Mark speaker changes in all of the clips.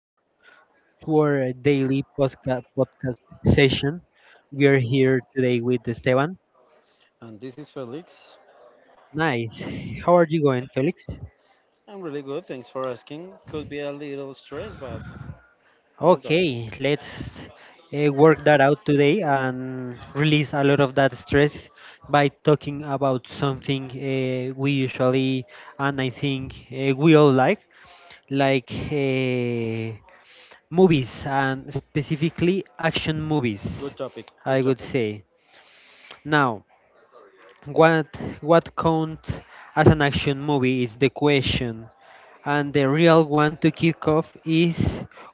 Speaker 1: all to our daily podcast session. We are here today with Esteban.
Speaker 2: And this is Felix.
Speaker 1: Nice. How are you going, Felix?
Speaker 2: I'm really good, thanks for asking. Could be a little stressed, but well done.
Speaker 1: Okay, let's work that out today and release a lot of that stress by talking about something we usually and I think we all like movies and specifically action movies,
Speaker 2: Good topic,
Speaker 1: I
Speaker 2: good
Speaker 1: would
Speaker 2: topic.
Speaker 1: say. Now, What what counts as an action movie is the question, and the real one to kick off is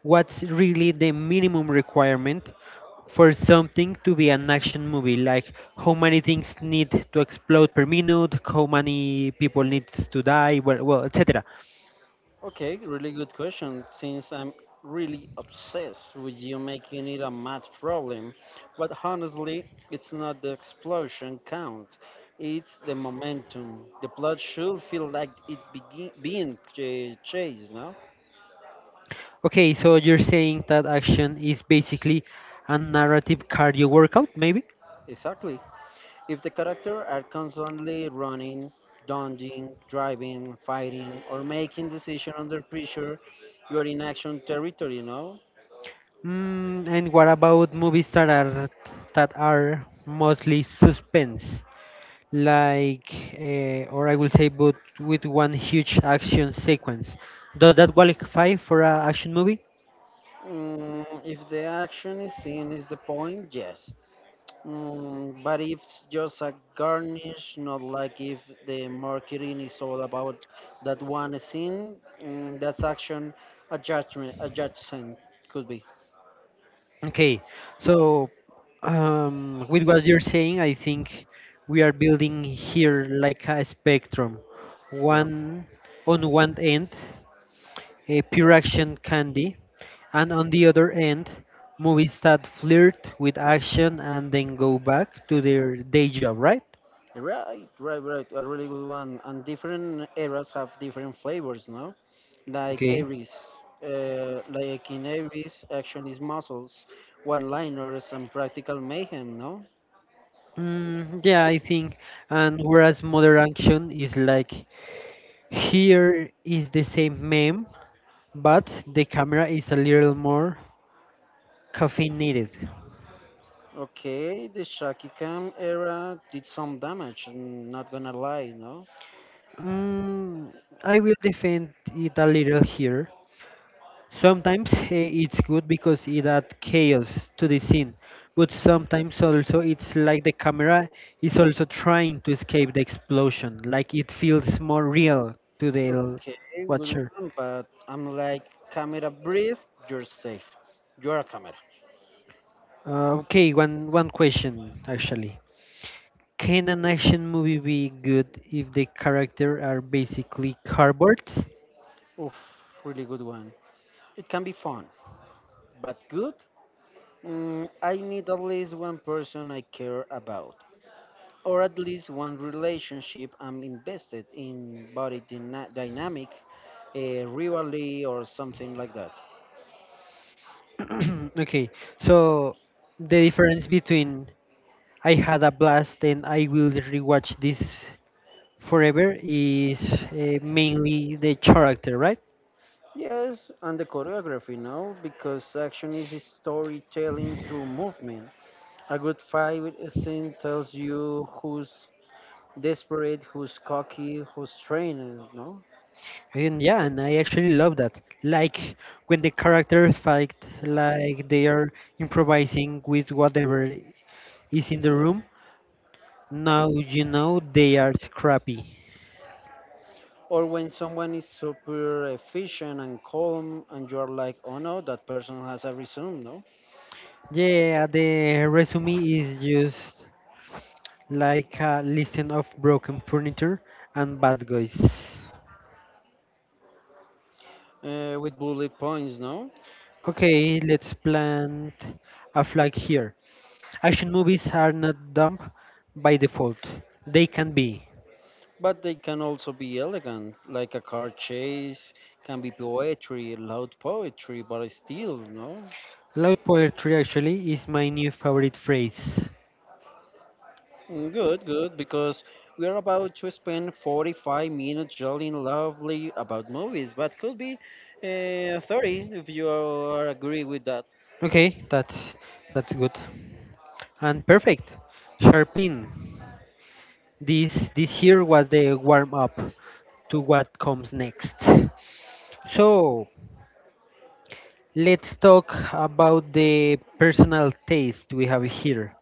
Speaker 1: what's really the minimum requirement for something to be an action movie, like how many things need to explode per minute, how many people needs to die, well, etc.
Speaker 2: Okay, really good question. Since I'm really obsessed with you making it a math problem, but honestly, it's not the explosion count, it's the momentum. The plot should feel like it begin, being chased, no?
Speaker 1: Okay, so you're saying that action is basically a narrative cardio workout, maybe?
Speaker 2: Exactly. If the character are constantly running, dodging, driving, fighting, or making decisions under pressure, you are in action territory, you know?
Speaker 1: Mm, and what about movies that are mostly suspense, like, or I will say, but with one huge action sequence? Does that qualify for an action movie?
Speaker 2: If the action is seen is the point, yes. Mm, but if it's just a garnish, not like if the marketing is all about that one scene, that's action a judgment could be.
Speaker 1: Okay, so with what you're saying, I think we are building here like a spectrum.
Speaker 2: Yeah.
Speaker 1: One on one end, a pure action candy, and on the other end, movies that flirt with action and then go back to their day job, right?
Speaker 2: Right, right, right. A really good one. And different eras have different flavors, no? Like
Speaker 1: Okay.
Speaker 2: Aries. Like in Aries, action is muscles, one-liners, and practical mayhem, no?
Speaker 1: Mm, yeah, I think. And whereas modern action is like here is the same meme, but the camera is a little more caffeinated.
Speaker 2: Okay, the Shaki Cam era did some damage, I'm not gonna lie, no?
Speaker 1: Mm, I will defend it a little here. Sometimes it's good because it adds chaos to the scene, but sometimes also it's like the camera is also trying to escape the explosion, like it feels more real to the
Speaker 2: Okay, good
Speaker 1: watcher.
Speaker 2: one, but I'm like, camera brief, you're safe. You're a camera.
Speaker 1: Okay, one question actually. Can an action movie be good if the character are basically cardboards?
Speaker 2: Oof, really good one. It can be fun, but good? Mm, I need at least one person I care about. Or at least one relationship I'm invested in body dynamic, a rivalry or something like that.
Speaker 1: Okay, so the difference between I had a blast and I will rewatch this forever is mainly the character, right?
Speaker 2: Yes, and the choreography, no, because action is storytelling through movement. A good fight scene tells you who's desperate, who's cocky, who's trained, no?
Speaker 1: And yeah, and I actually love that. Like when the characters fight, like they are improvising with whatever is in the room. Now you know they are scrappy.
Speaker 2: Or when someone is super efficient and calm, and you are like, oh no, that person has a resume, no?
Speaker 1: Yeah, the resume is just like a listing of broken furniture and bad guys.
Speaker 2: With bullet points, no?
Speaker 1: Okay, let's plant a flag here. Action movies are not dumb by default, they can be.
Speaker 2: But they can also be elegant, like a car chase, can be poetry, loud poetry, but still, no?
Speaker 1: Loud poetry actually is my new favorite phrase.
Speaker 2: Mm, good, good, because we are about to spend 45 minutes jolting lovely about movies, but could be 30 if you are agree with that.
Speaker 1: Okay, that's good. And perfect. Sharpin. This here was the warm up to what comes next. So let's talk about the personal taste we have here.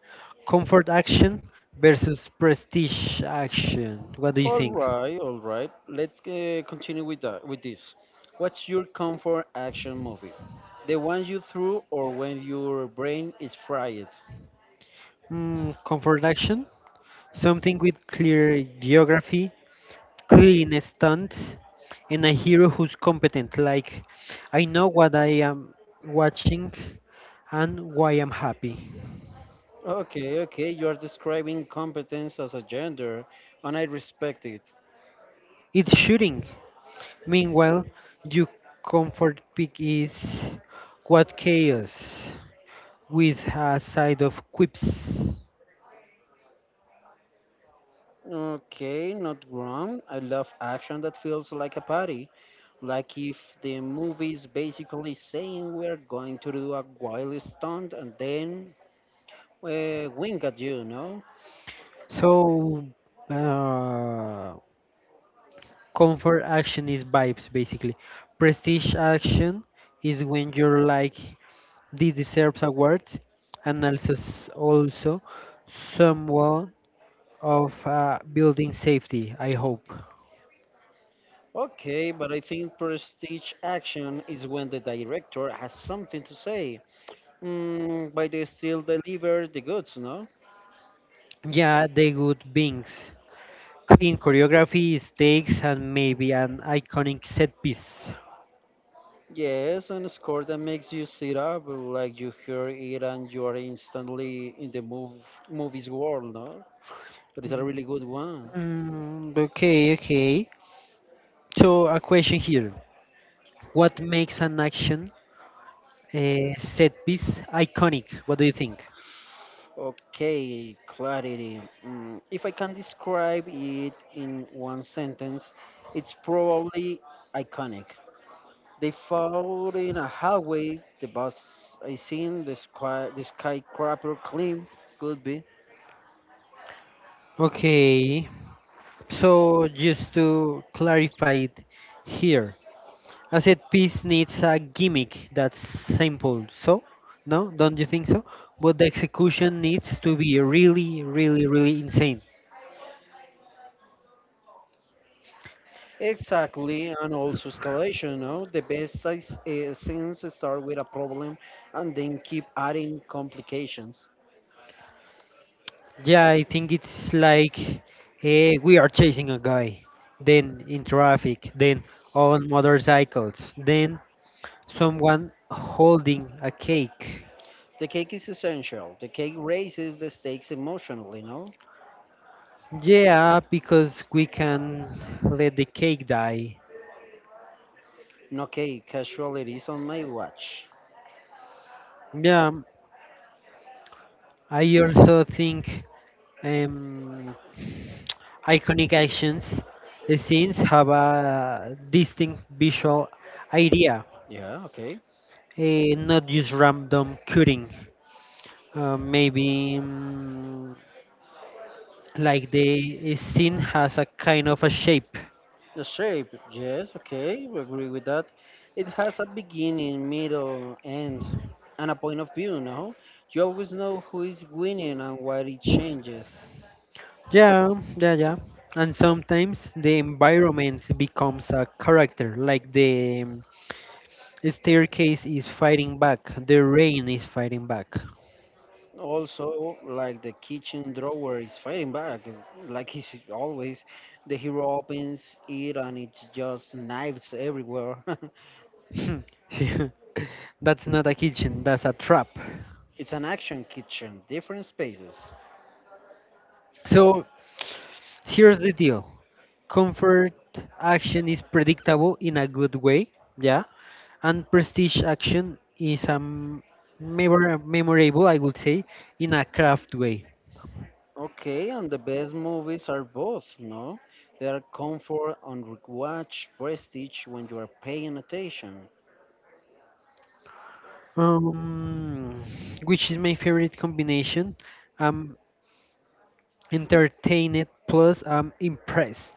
Speaker 1: Comfort action versus prestige action. What do you
Speaker 2: All
Speaker 1: think?
Speaker 2: right, all right. Let's continue with that, with this. What's your comfort action movie? The one you threw or when your brain is fried?
Speaker 1: Mm, comfort action. Something with clear geography, clean stunts, and a hero who's competent. Like, I know what I am watching and why I'm happy.
Speaker 2: Okay, okay, you are describing competence as a gender, and I respect it.
Speaker 1: It's shooting. Meanwhile, your comfort pick is what, chaos with a side of quips.
Speaker 2: Okay, not wrong. I love action that feels like a party, like if the movie is basically saying we're going to do a wild stunt and then wink at you, no?
Speaker 1: So, uh, comfort action is vibes basically. Prestige action is when you're like, this deserves awards, and also also somewhat of building safety, I hope.
Speaker 2: Okay, but I think prestige action is when the director has something to say, mm, but they still deliver the goods, no?
Speaker 1: Yeah, they good beings. Clean choreography, stakes, and maybe an iconic set piece.
Speaker 2: Yes, and a score that makes you sit up, like you hear it and you are instantly in the move, movies world, no? That is a
Speaker 1: Mm,
Speaker 2: really good one.
Speaker 1: okay, okay. So a question here: what makes an action set piece iconic? What do you think?
Speaker 2: Okay, clarity. Mm, if I can describe it in one sentence, it's probably iconic. They fought in a hallway. The bus I seen, the sky, the skyscraper climb, could be.
Speaker 1: Okay. So just to clarify it here, I said peace needs a gimmick that's simple, so no, don't you think so? But the execution needs to be really, really, really insane.
Speaker 2: Exactly, and also escalation. No, the best size, scenes start with a problem and then keep adding complications.
Speaker 1: Yeah, I think it's like we are chasing a guy, then in traffic, then on motorcycles, then someone holding a cake.
Speaker 2: The cake is essential. The cake raises the stakes emotionally. No,
Speaker 1: Yeah, because we can let the cake die.
Speaker 2: no cake. Casualties on my watch.
Speaker 1: Yeah, I also think um, iconic actions scenes have a distinct visual idea,
Speaker 2: Yeah, okay.
Speaker 1: not just random cutting. Maybe like the scene has a kind of a shape.
Speaker 2: The shape, yes, okay, we agree with that. It has a beginning, middle, end, and a point of view. No, you always know who is winning and why it changes.
Speaker 1: Yeah, yeah, yeah. And sometimes the environment becomes a character, like the staircase is fighting back, the rain is fighting back.
Speaker 2: Also, like the kitchen drawer is fighting back, like he's always. The hero opens it and it's just knives everywhere.
Speaker 1: That's not a kitchen, that's a trap.
Speaker 2: It's an action kitchen, different spaces.
Speaker 1: So here's the deal, comfort action is predictable in a good way, yeah, and prestige action is a memorable, I would say, in a craft way.
Speaker 2: Okay, and the best movies are both, no? They are comfort and rewatch prestige when you are paying attention.
Speaker 1: Um, which is my favorite combination. I'm entertained plus I'm impressed.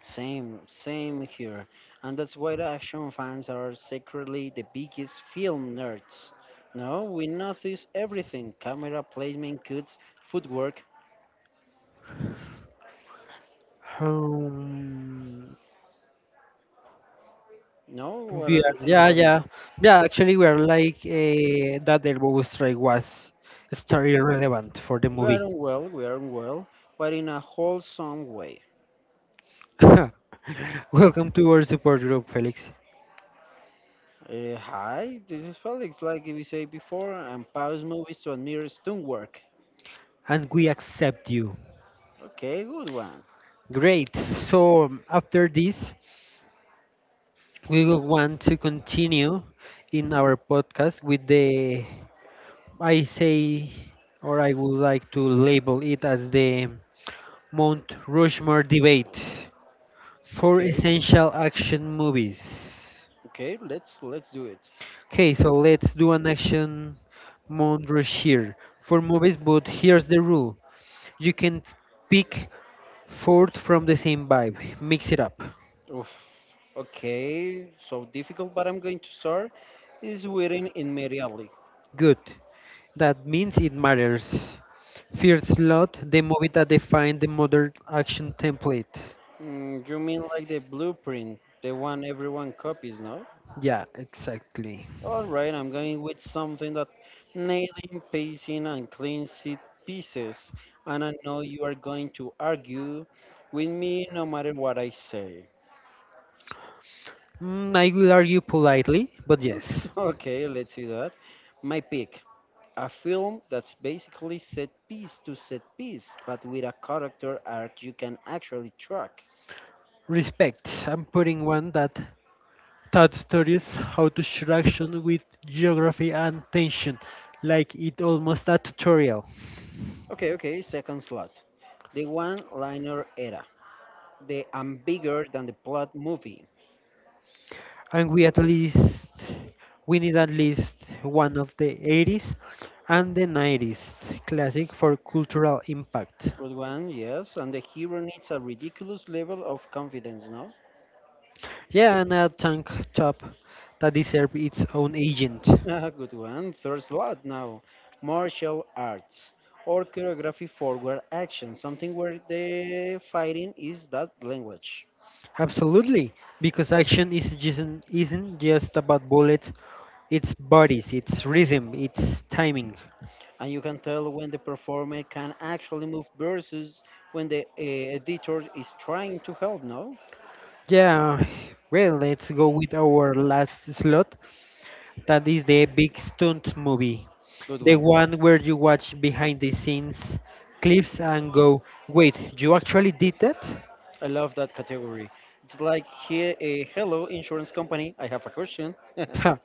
Speaker 2: Same, same here. And that's why the action fans are secretly the biggest film nerds. No, we notice everything camera placement, cuts, footwork.
Speaker 1: Um,
Speaker 2: No, what
Speaker 1: we
Speaker 2: do
Speaker 1: are,
Speaker 2: you think
Speaker 1: yeah,
Speaker 2: about it?
Speaker 1: yeah, yeah. Actually, we are like that elbow strike was story relevant for the movie.
Speaker 2: We aren't well, but in a wholesome way.
Speaker 1: Welcome to our support group, Felix,
Speaker 2: Hi, this is Felix, like we said before, and pause movies to admire stunt work.
Speaker 1: and we accept you.
Speaker 2: Okay, good one.
Speaker 1: Great. So after this, we will want to continue in our podcast with the I say, or I would like to label it as the Mount Rushmore debate for
Speaker 2: Okay.
Speaker 1: essential action movies.
Speaker 2: Okay, let's do it.
Speaker 1: Okay, so let's do an action Mount Rushmore for movies, but here's the rule. You can pick fourth from the same vibe. Mix it up.
Speaker 2: Oof. Okay, so difficult, but I'm going to start. Is written immediately.
Speaker 1: Good. That means it matters. First slot, the movie that defined the modern action template.
Speaker 2: Mm, you mean like the blueprint, the one everyone copies, no?
Speaker 1: Yeah, exactly.
Speaker 2: All right, I'm going with something that nailing, pacing, and clean seat pieces, and I know you are going to argue with me no matter what I say.
Speaker 1: Mm, I will argue politely, but yes.
Speaker 2: Okay, let's see that. My pick. A film that's basically set piece to set piece, but with a character arc you can actually track.
Speaker 1: Respect. I'm putting one that studies how to share action with geography and tension, like it almost a tutorial.
Speaker 2: Okay, okay, second slot. The one liner era. The I'm bigger than the plot movie.
Speaker 1: And we need at least one of the 80s and the 90s classic for cultural impact.
Speaker 2: Good one, yes, and the hero needs a ridiculous level of confidence, no?
Speaker 1: Yeah, and a tank top that deserves its own agent.
Speaker 2: Ah, good one. Third slot now. Martial arts or choreography forward action, something where the fighting is that language.
Speaker 1: Absolutely, because action is just, isn't just about bullets, it's bodies, it's rhythm, it's timing.
Speaker 2: And you can tell when the performer can actually move versus when the editor is trying to help, no?
Speaker 1: Yeah, well, let's go with our last slot. That is the big stunt movie.
Speaker 2: Good
Speaker 1: The
Speaker 2: one.
Speaker 1: one where you watch behind the scenes clips and go, wait, you actually did that?
Speaker 2: I love that category. It's like here a hello insurance company, I have a question.
Speaker 1: Huh.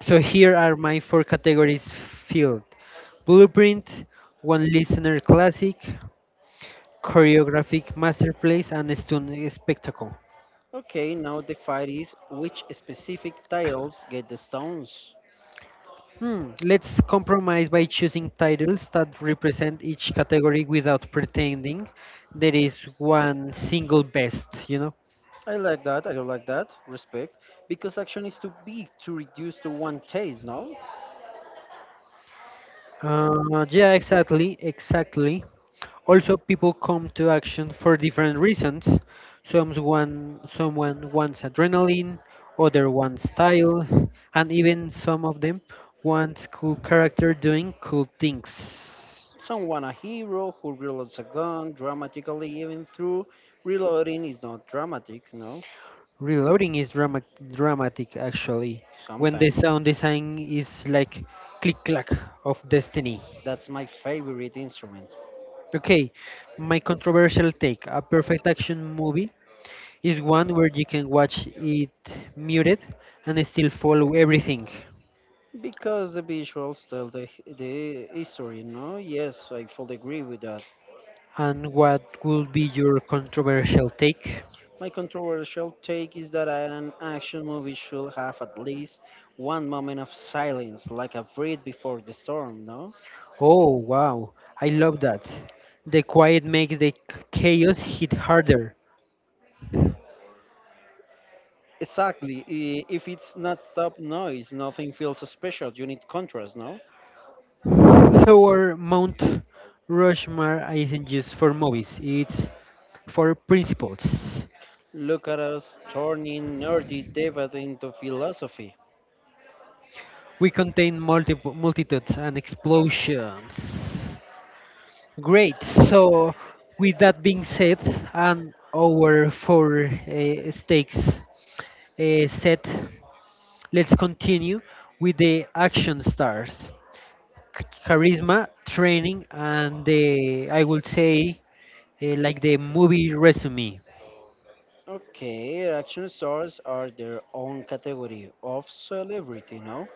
Speaker 1: So here are my four categories filled: Blueprint, One Listener Classic, Choreographic Masterpiece, and Stun Spectacle.
Speaker 2: Okay, now the fight is which specific titles get the stones.
Speaker 1: Hmm, let's compromise by choosing titles that represent each category without pretending there is one single best, you know?
Speaker 2: I like that, I don't like that, respect, because action is too big to reduce to one chase, no?
Speaker 1: Yeah, exactly. Also, people come to action for different reasons. Someone wants adrenaline, other wants style, and even some of them wants cool character doing cool things.
Speaker 2: Someone a hero who reloads a gun dramatically even through reloading is not dramatic, no?
Speaker 1: Reloading is dramatic actually, when the
Speaker 2: Sometimes
Speaker 1: sound design is like click clack of destiny.
Speaker 2: that's my favorite instrument.
Speaker 1: Okay, my controversial take, a perfect action movie is one where you can watch it muted and still follow everything.
Speaker 2: Because the visuals tell the history, no? Yes, I fully agree with that.
Speaker 1: And what would be your controversial take?
Speaker 2: My controversial take is that an action movie should have at least one moment of silence, like a breath before the storm, no?
Speaker 1: Oh, wow, I love that. The quiet makes the chaos hit harder.
Speaker 2: Exactly. If it's not stop noise, nothing feels special. You need contrast, no?
Speaker 1: So, our Mount Rushmore isn't just for movies, it's for principles.
Speaker 2: Look at us turning nerdy debate into philosophy.
Speaker 1: We contain multiple multitudes and explosions. Great. So, with that being said, and our four stakes set, let's continue with the action stars, charisma, training, and the I would say like the movie resume.
Speaker 2: Okay, action stars are their own category of celebrity, no?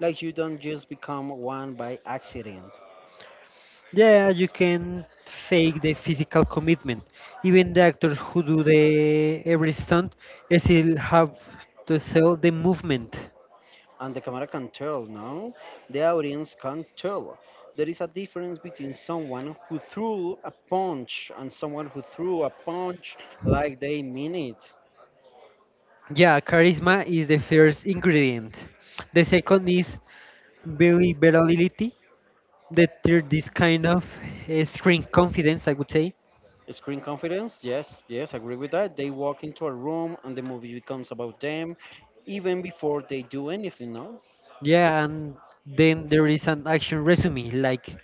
Speaker 2: Like you don't just become one by accident.
Speaker 1: Yeah, you can fake the physical commitment. Even the actors who do the every stunt still have to sell the movement.
Speaker 2: And the camera can tell, no? The audience can tell. There is a difference between someone who threw a punch and someone who threw a punch like they mean it.
Speaker 1: Yeah, charisma is the first ingredient. The second is believability. The third is kind of screen confidence, I would say.
Speaker 2: Screen confidence, yes, yes, agree with that. They walk into a room and the movie becomes about them even before they do anything, no?
Speaker 1: Yeah, and then there is an action resume, like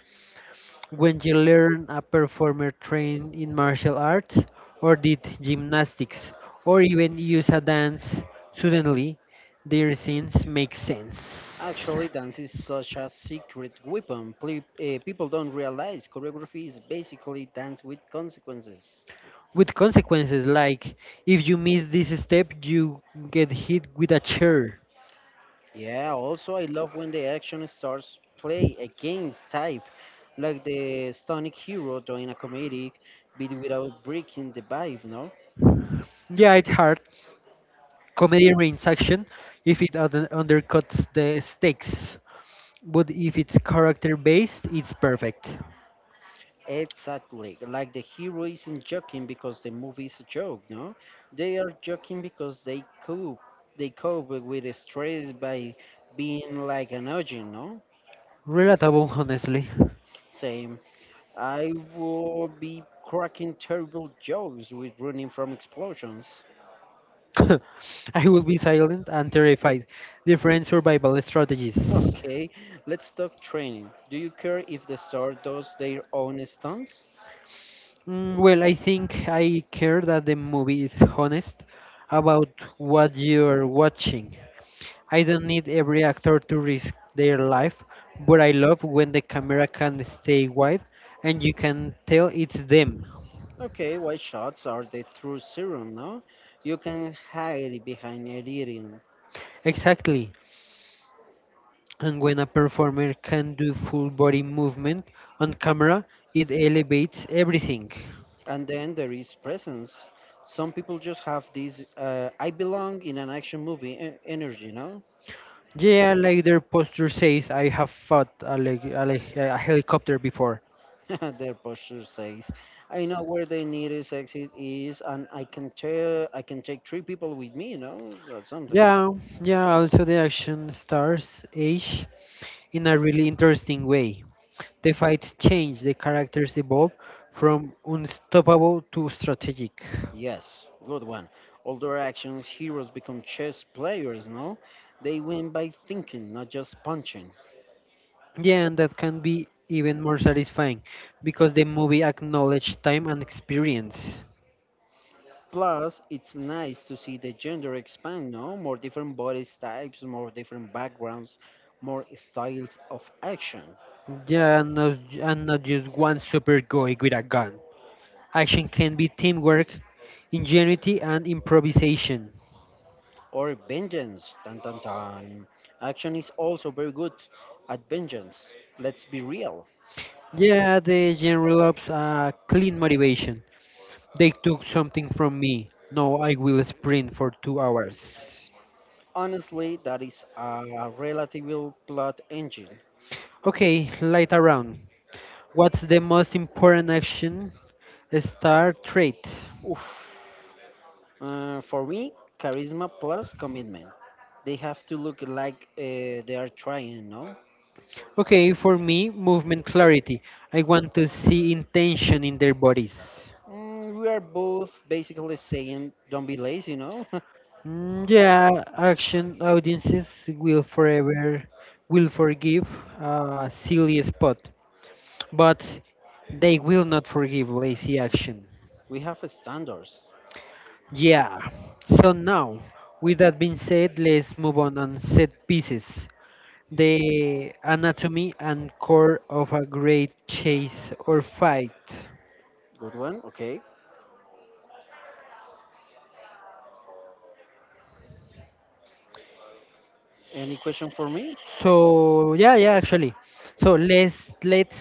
Speaker 1: when you learn a performer trained in martial arts or did gymnastics or even use a dance, suddenly their scenes make sense.
Speaker 2: Actually, dance is such a secret weapon. People don't realize choreography is basically dance with consequences.
Speaker 1: With consequences like if you miss this step, you get hit with a chair.
Speaker 2: Yeah, also, I love when the action starts play against type, like the stonic hero doing a comedic bit without breaking the vibe, no?
Speaker 1: Yeah, it's hard. Comedy reigns action if it undercuts the stakes, but if it's character based, it's perfect.
Speaker 2: Exactly. Like the hero isn't joking because the movie is a joke, no? They are joking because they cope. They cope with the stress by being like an audience, no?
Speaker 1: Relatable, honestly.
Speaker 2: Same. I will be cracking terrible jokes with running from explosions.
Speaker 1: I would be silent and terrified. Different survival strategies.
Speaker 2: Okay, let's talk training. Do you care if the star does their own stunts?
Speaker 1: Mm, well, I think I care that the movie is honest about what you're watching. I don't need every actor to risk their life, but I love when the camera can stay wide and you can tell it's them.
Speaker 2: Okay, white shots are the true serum, no? You can hide behind editing.
Speaker 1: Exactly. And when a performer can do full body movement on camera, it elevates everything.
Speaker 2: And then there is presence. Some people just have this I belong in an action movie energy, no?
Speaker 1: Yeah, like their poster says, I have fought a, like, a, like, a helicopter before.
Speaker 2: Their posture says, "I know where the nearest exit is, and I can tell I can take three people with me." You know, so something.
Speaker 1: Yeah, yeah, also the action stars age in a really interesting way. The fights change, the characters evolve from unstoppable to strategic.
Speaker 2: Yes, good one. All their actions, heroes become chess players. No, they win by thinking, not just punching.
Speaker 1: Yeah, and that can be even more satisfying because the movie acknowledges time and experience.
Speaker 2: Plus, it's nice to see the gender expand. No, more different body types, more different backgrounds, more styles of action.
Speaker 1: Yeah, and not just one super guy with a gun. Action can be teamwork, ingenuity, and improvisation.
Speaker 2: Or vengeance. Dun, dun, dun. Action is also very good at vengeance. Let's be real.
Speaker 1: Yeah, the general ops clean motivation. They took something from me. Now I will sprint for 2 hours.
Speaker 2: Honestly, that is a relative plot engine.
Speaker 1: Okay, light around. What's the most important action? Star trait.
Speaker 2: Oof. For me, charisma plus commitment. They have to look like they are trying, no?
Speaker 1: Okay, for me, movement clarity. I want to see intention in their bodies.
Speaker 2: Mm, we are both basically saying don't be lazy, no?
Speaker 1: Mm, yeah, action audiences will forever will forgive a silly spot, but they will not forgive lazy action.
Speaker 2: We have standards.
Speaker 1: Yeah. So now, with that being said, let's move on set pieces. The anatomy and core of a great chase or fight.
Speaker 2: Good one, okay. Any question for me?
Speaker 1: So yeah, yeah, actually. So let's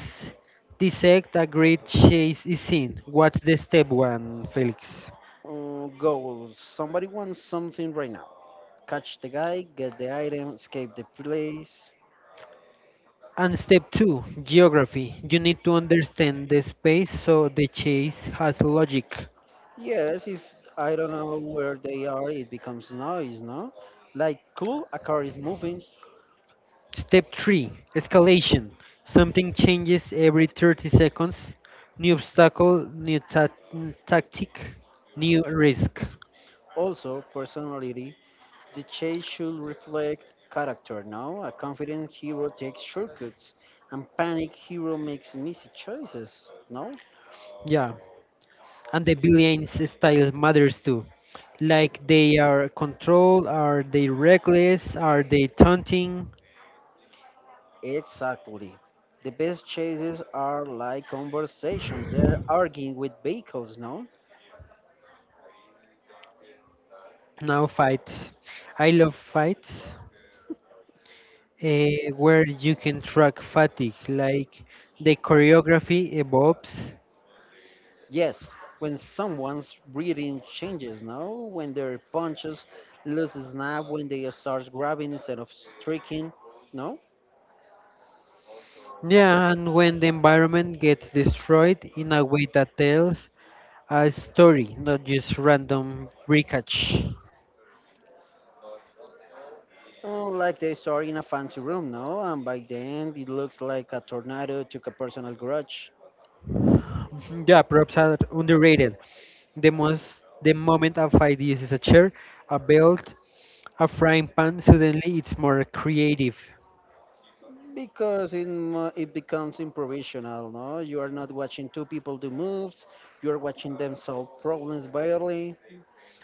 Speaker 1: dissect a great chase is seen. What's the step one, Felix?
Speaker 2: Goals. Somebody wants something right now. Catch the guy, get the item, escape the place.
Speaker 1: And step two, geography. You need to understand the space so the chase has logic.
Speaker 2: Yes, if I don't know where they are, it becomes noise, no? Like, cool, a car is moving.
Speaker 1: Step three, escalation. Something changes every 30 seconds. New obstacle, new tactic, new risk.
Speaker 2: Also, personality. The chase should reflect character, no? A confident hero takes shortcuts. And panic hero makes messy choices, no?
Speaker 1: Yeah, and the billions style matters too. Like they are controlled, are they reckless, are they taunting?
Speaker 2: Exactly. The best chases are like conversations. They're arguing with vehicles, no?
Speaker 1: Now fights. I love fights where you can track fatigue, like the choreography evolves.
Speaker 2: Yes, when someone's breathing changes, no? When their punches lose a snap, when they start grabbing instead of striking, no?
Speaker 1: Yeah, and when the environment gets destroyed in a way that tells a story, not just random breakage.
Speaker 2: Oh, like they start in a fancy room, no? And by the end, it looks like a tornado took a personal grudge.
Speaker 1: Mhm. Yeah, props are underrated. The moment a fight uses a chair, a belt, a frying pan, suddenly it's more creative.
Speaker 2: Because it, it becomes improvisational, no? You are not watching two people do moves, you are watching them solve problems barely.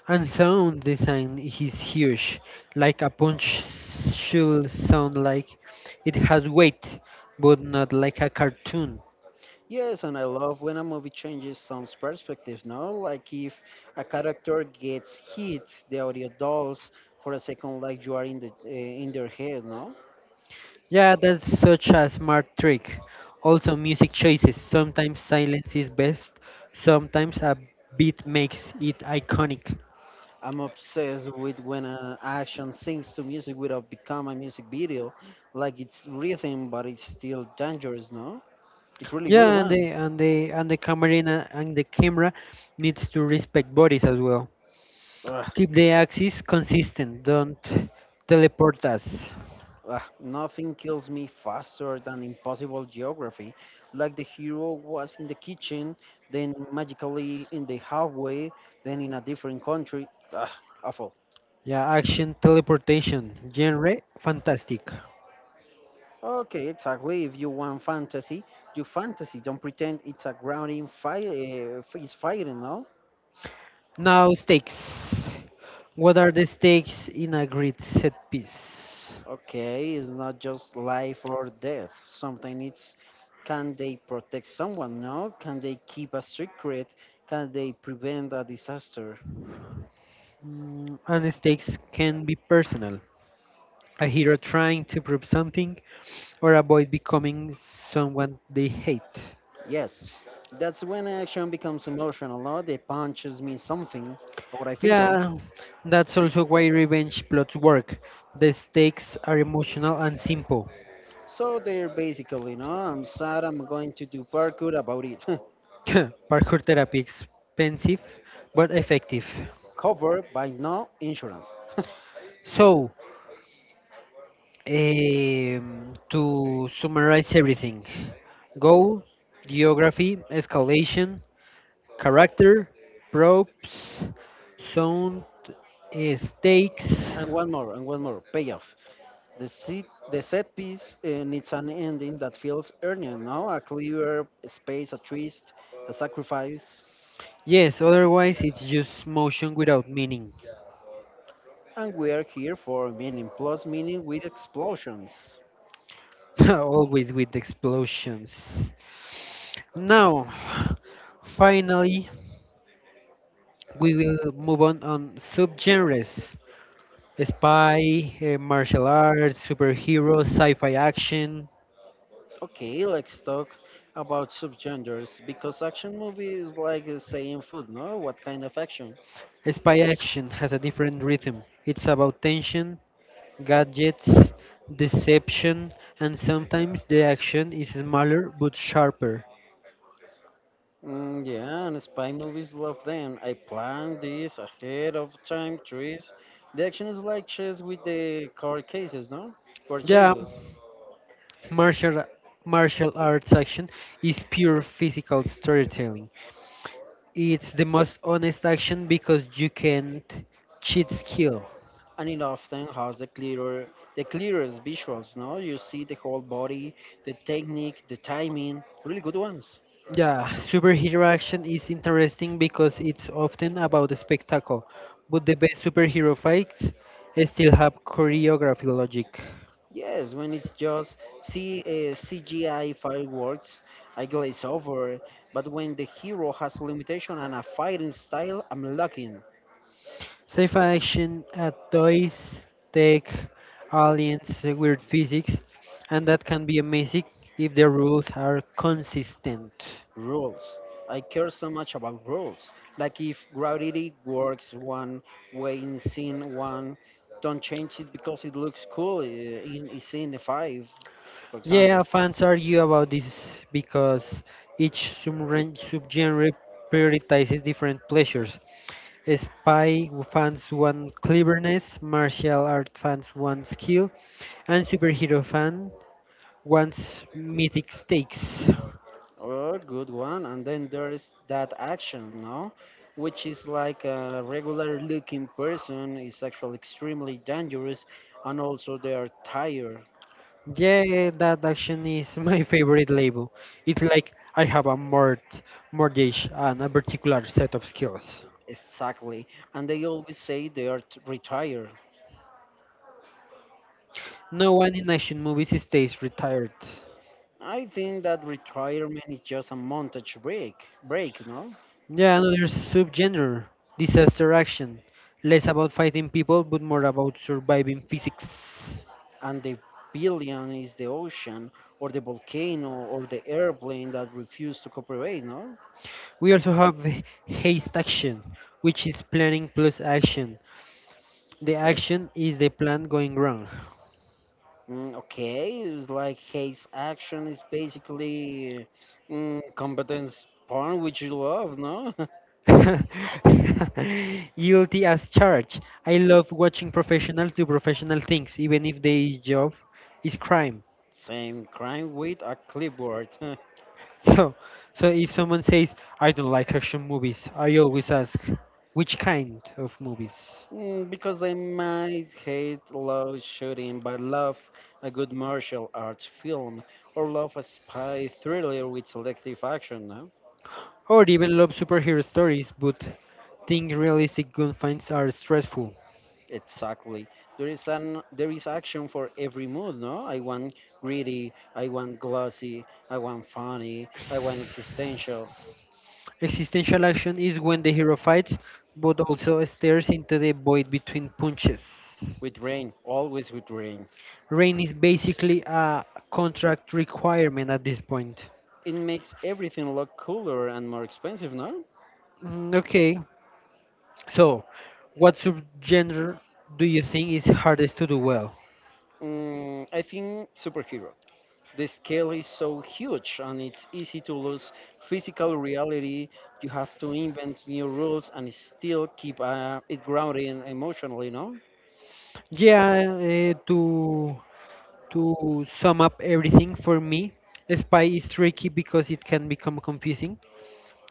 Speaker 1: And sound design is huge. Like a punch should sound like it has weight, but not like a cartoon.
Speaker 2: Yes, and I love when a movie changes someone's perspective, no? Like if a character gets hit, the audio dolls for a second like you are in the in their head, no?
Speaker 1: Yeah, that's such a smart trick. Also, music choices. Sometimes silence is best. Sometimes a beat makes it iconic.
Speaker 2: I'm obsessed with when an action sings to music without become a music video, like it's rhythm but it's still dangerous, no? It's really good
Speaker 1: Yeah, and
Speaker 2: one.
Speaker 1: the and the and the camera needs to respect bodies as well.
Speaker 2: Ugh.
Speaker 1: Keep the axis consistent. Don't teleport us.
Speaker 2: Ugh, nothing kills me faster than impossible geography. Like the hero was in the kitchen, then magically in the halfway, then in a different country. Ugh, awful.
Speaker 1: Yeah, action teleportation. Genre fantastic.
Speaker 2: Okay, exactly. If you want fantasy, do fantasy. Don't pretend it's a grounding fight. It's fighting, no?
Speaker 1: Now stakes. What are the stakes in a grid set piece?
Speaker 2: Okay, it's not just life or death. Sometimes it's can they protect someone, no? Can they keep a secret? Can they prevent a disaster?
Speaker 1: Mm, and stakes can be personal. A hero trying to prove something or avoid becoming someone they hate.
Speaker 2: Yes, that's when action becomes emotional, no? The punches mean something, or I think so.
Speaker 1: Yeah, that's also why revenge plots work. The stakes are emotional and simple.
Speaker 2: So they're basically, no, I'm sad, I'm going to do parkour about it.
Speaker 1: Parkour therapy, expensive but effective.
Speaker 2: Covered by no insurance.
Speaker 1: So, to summarize everything: goal, geography, escalation, character, props, sound, stakes.
Speaker 2: And one more, payoff. The, the set piece needs an ending that feels earned, no? A clear space, a twist, a sacrifice.
Speaker 1: Yes, otherwise it's just motion without meaning.
Speaker 2: And we are here for meaning plus meaning with explosions.
Speaker 1: Always with explosions. Now, finally, we will move on subgenres. Spy, martial arts, superhero, sci-fi action.
Speaker 2: Okay, let's talk about subgenres because action movie is like saying food, no? What kind of action?
Speaker 1: Spy action has a different rhythm. It's about tension, gadgets, deception, and sometimes the action is smaller but sharper.
Speaker 2: Mm, yeah, and spy movies love them. I plan this ahead of time, trees. The action is like chess with the car cases, no?
Speaker 1: Yeah,
Speaker 2: Purchases.
Speaker 1: martial martial arts action is pure physical storytelling. It's the most honest action because you can't cheat skill.
Speaker 2: And it often has the clearer, the clearest visuals, no? You see the whole body, the technique, the timing, really good ones.
Speaker 1: Yeah, superhero action is interesting because it's often about the spectacle, but the best superhero fights still have choreography logic.
Speaker 2: Yes, when it's just CGI fireworks, I glaze over. But when the hero has limitation and a fighting style, I'm lacking
Speaker 1: Sci-fi action at toys, tech, aliens, weird physics, and that can be amazing if the rules are consistent.
Speaker 2: rules. I care so much about rules. Like if gravity works one way in scene 1, don't change it because it looks cool in scene 5, for
Speaker 1: Yeah,
Speaker 2: example.
Speaker 1: fans argue about this because each subgenre prioritizes different pleasures. Spy fans want cleverness, martial art fans want skill, and superhero fan wants mythic stakes.
Speaker 2: Oh, good one. And then there is that action, no? Which is like a regular looking person is actually extremely dangerous and also they are tired.
Speaker 1: Yeah, that action is my favorite label. It's like I have a mortgage and a particular set of skills.
Speaker 2: Exactly. And they always say they are retired.
Speaker 1: No one in action movies stays retired.
Speaker 2: I think that retirement is just a montage break, no?
Speaker 1: Yeah, another subgenre, disaster action. Less about fighting people, but more about surviving physics.
Speaker 2: And the billion is the ocean or the volcano or the airplane that refuse to cooperate, no?
Speaker 1: We also have haste action, which is planning plus action. The action is the plan going wrong.
Speaker 2: Mm, okay, it's like his action is basically mm, competence porn, which you love, no?
Speaker 1: Guilty as charged. I love watching professionals do professional things, even if their job is crime.
Speaker 2: Same crime with a clipboard.
Speaker 1: So, so if someone says, "I don't like action movies," I always ask, "Which kind of movies?"
Speaker 2: Mm, because I might hate love shooting, but love a good martial arts film, or love a spy thriller with selective action, no?
Speaker 1: Or even love superhero stories, but think realistic gunfights are stressful.
Speaker 2: Exactly. There is action for every mood, no? I want gritty, I want glossy, I want funny, I want existential.
Speaker 1: Existential action is when the hero fights, but also stares into the void between punches.
Speaker 2: With rain, always with rain.
Speaker 1: Rain is basically a contract requirement at this point.
Speaker 2: It makes everything look cooler and more expensive, no?
Speaker 1: Mm, okay, so what subgenre do you think is hardest to do well?
Speaker 2: Mm, I think superhero. The scale is so huge and it's easy to lose physical reality. You have to invent new rules and still keep it grounded and emotionally, no?
Speaker 1: Yeah, to sum up everything for me, spy is tricky because it can become confusing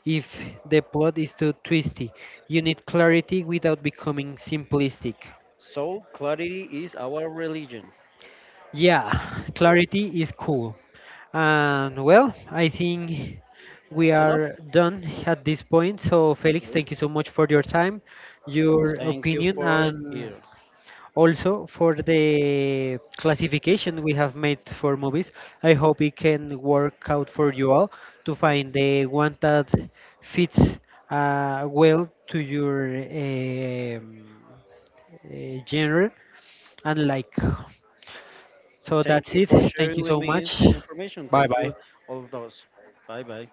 Speaker 1: if the plot is too twisty. You need clarity without becoming simplistic.
Speaker 2: So, clarity is our religion.
Speaker 1: Yeah, clarity is cool. And well, I think we
Speaker 2: It's enough.
Speaker 1: are done at this point. So, Felix,
Speaker 2: Okay.
Speaker 1: thank you so much for your time, your
Speaker 2: Thank you
Speaker 1: opinion,
Speaker 2: for
Speaker 1: and
Speaker 2: here.
Speaker 1: also for the classification we have made for movies. I hope it can work out for you all to find the one that fits well to your um, genre and like. So
Speaker 2: Thank
Speaker 1: that's
Speaker 2: you
Speaker 1: it.
Speaker 2: for
Speaker 1: Thank
Speaker 2: sharing
Speaker 1: you
Speaker 2: with
Speaker 1: so
Speaker 2: me
Speaker 1: much.
Speaker 2: this information.
Speaker 1: Bye
Speaker 2: Thank
Speaker 1: bye.
Speaker 2: you, all of those. Bye bye.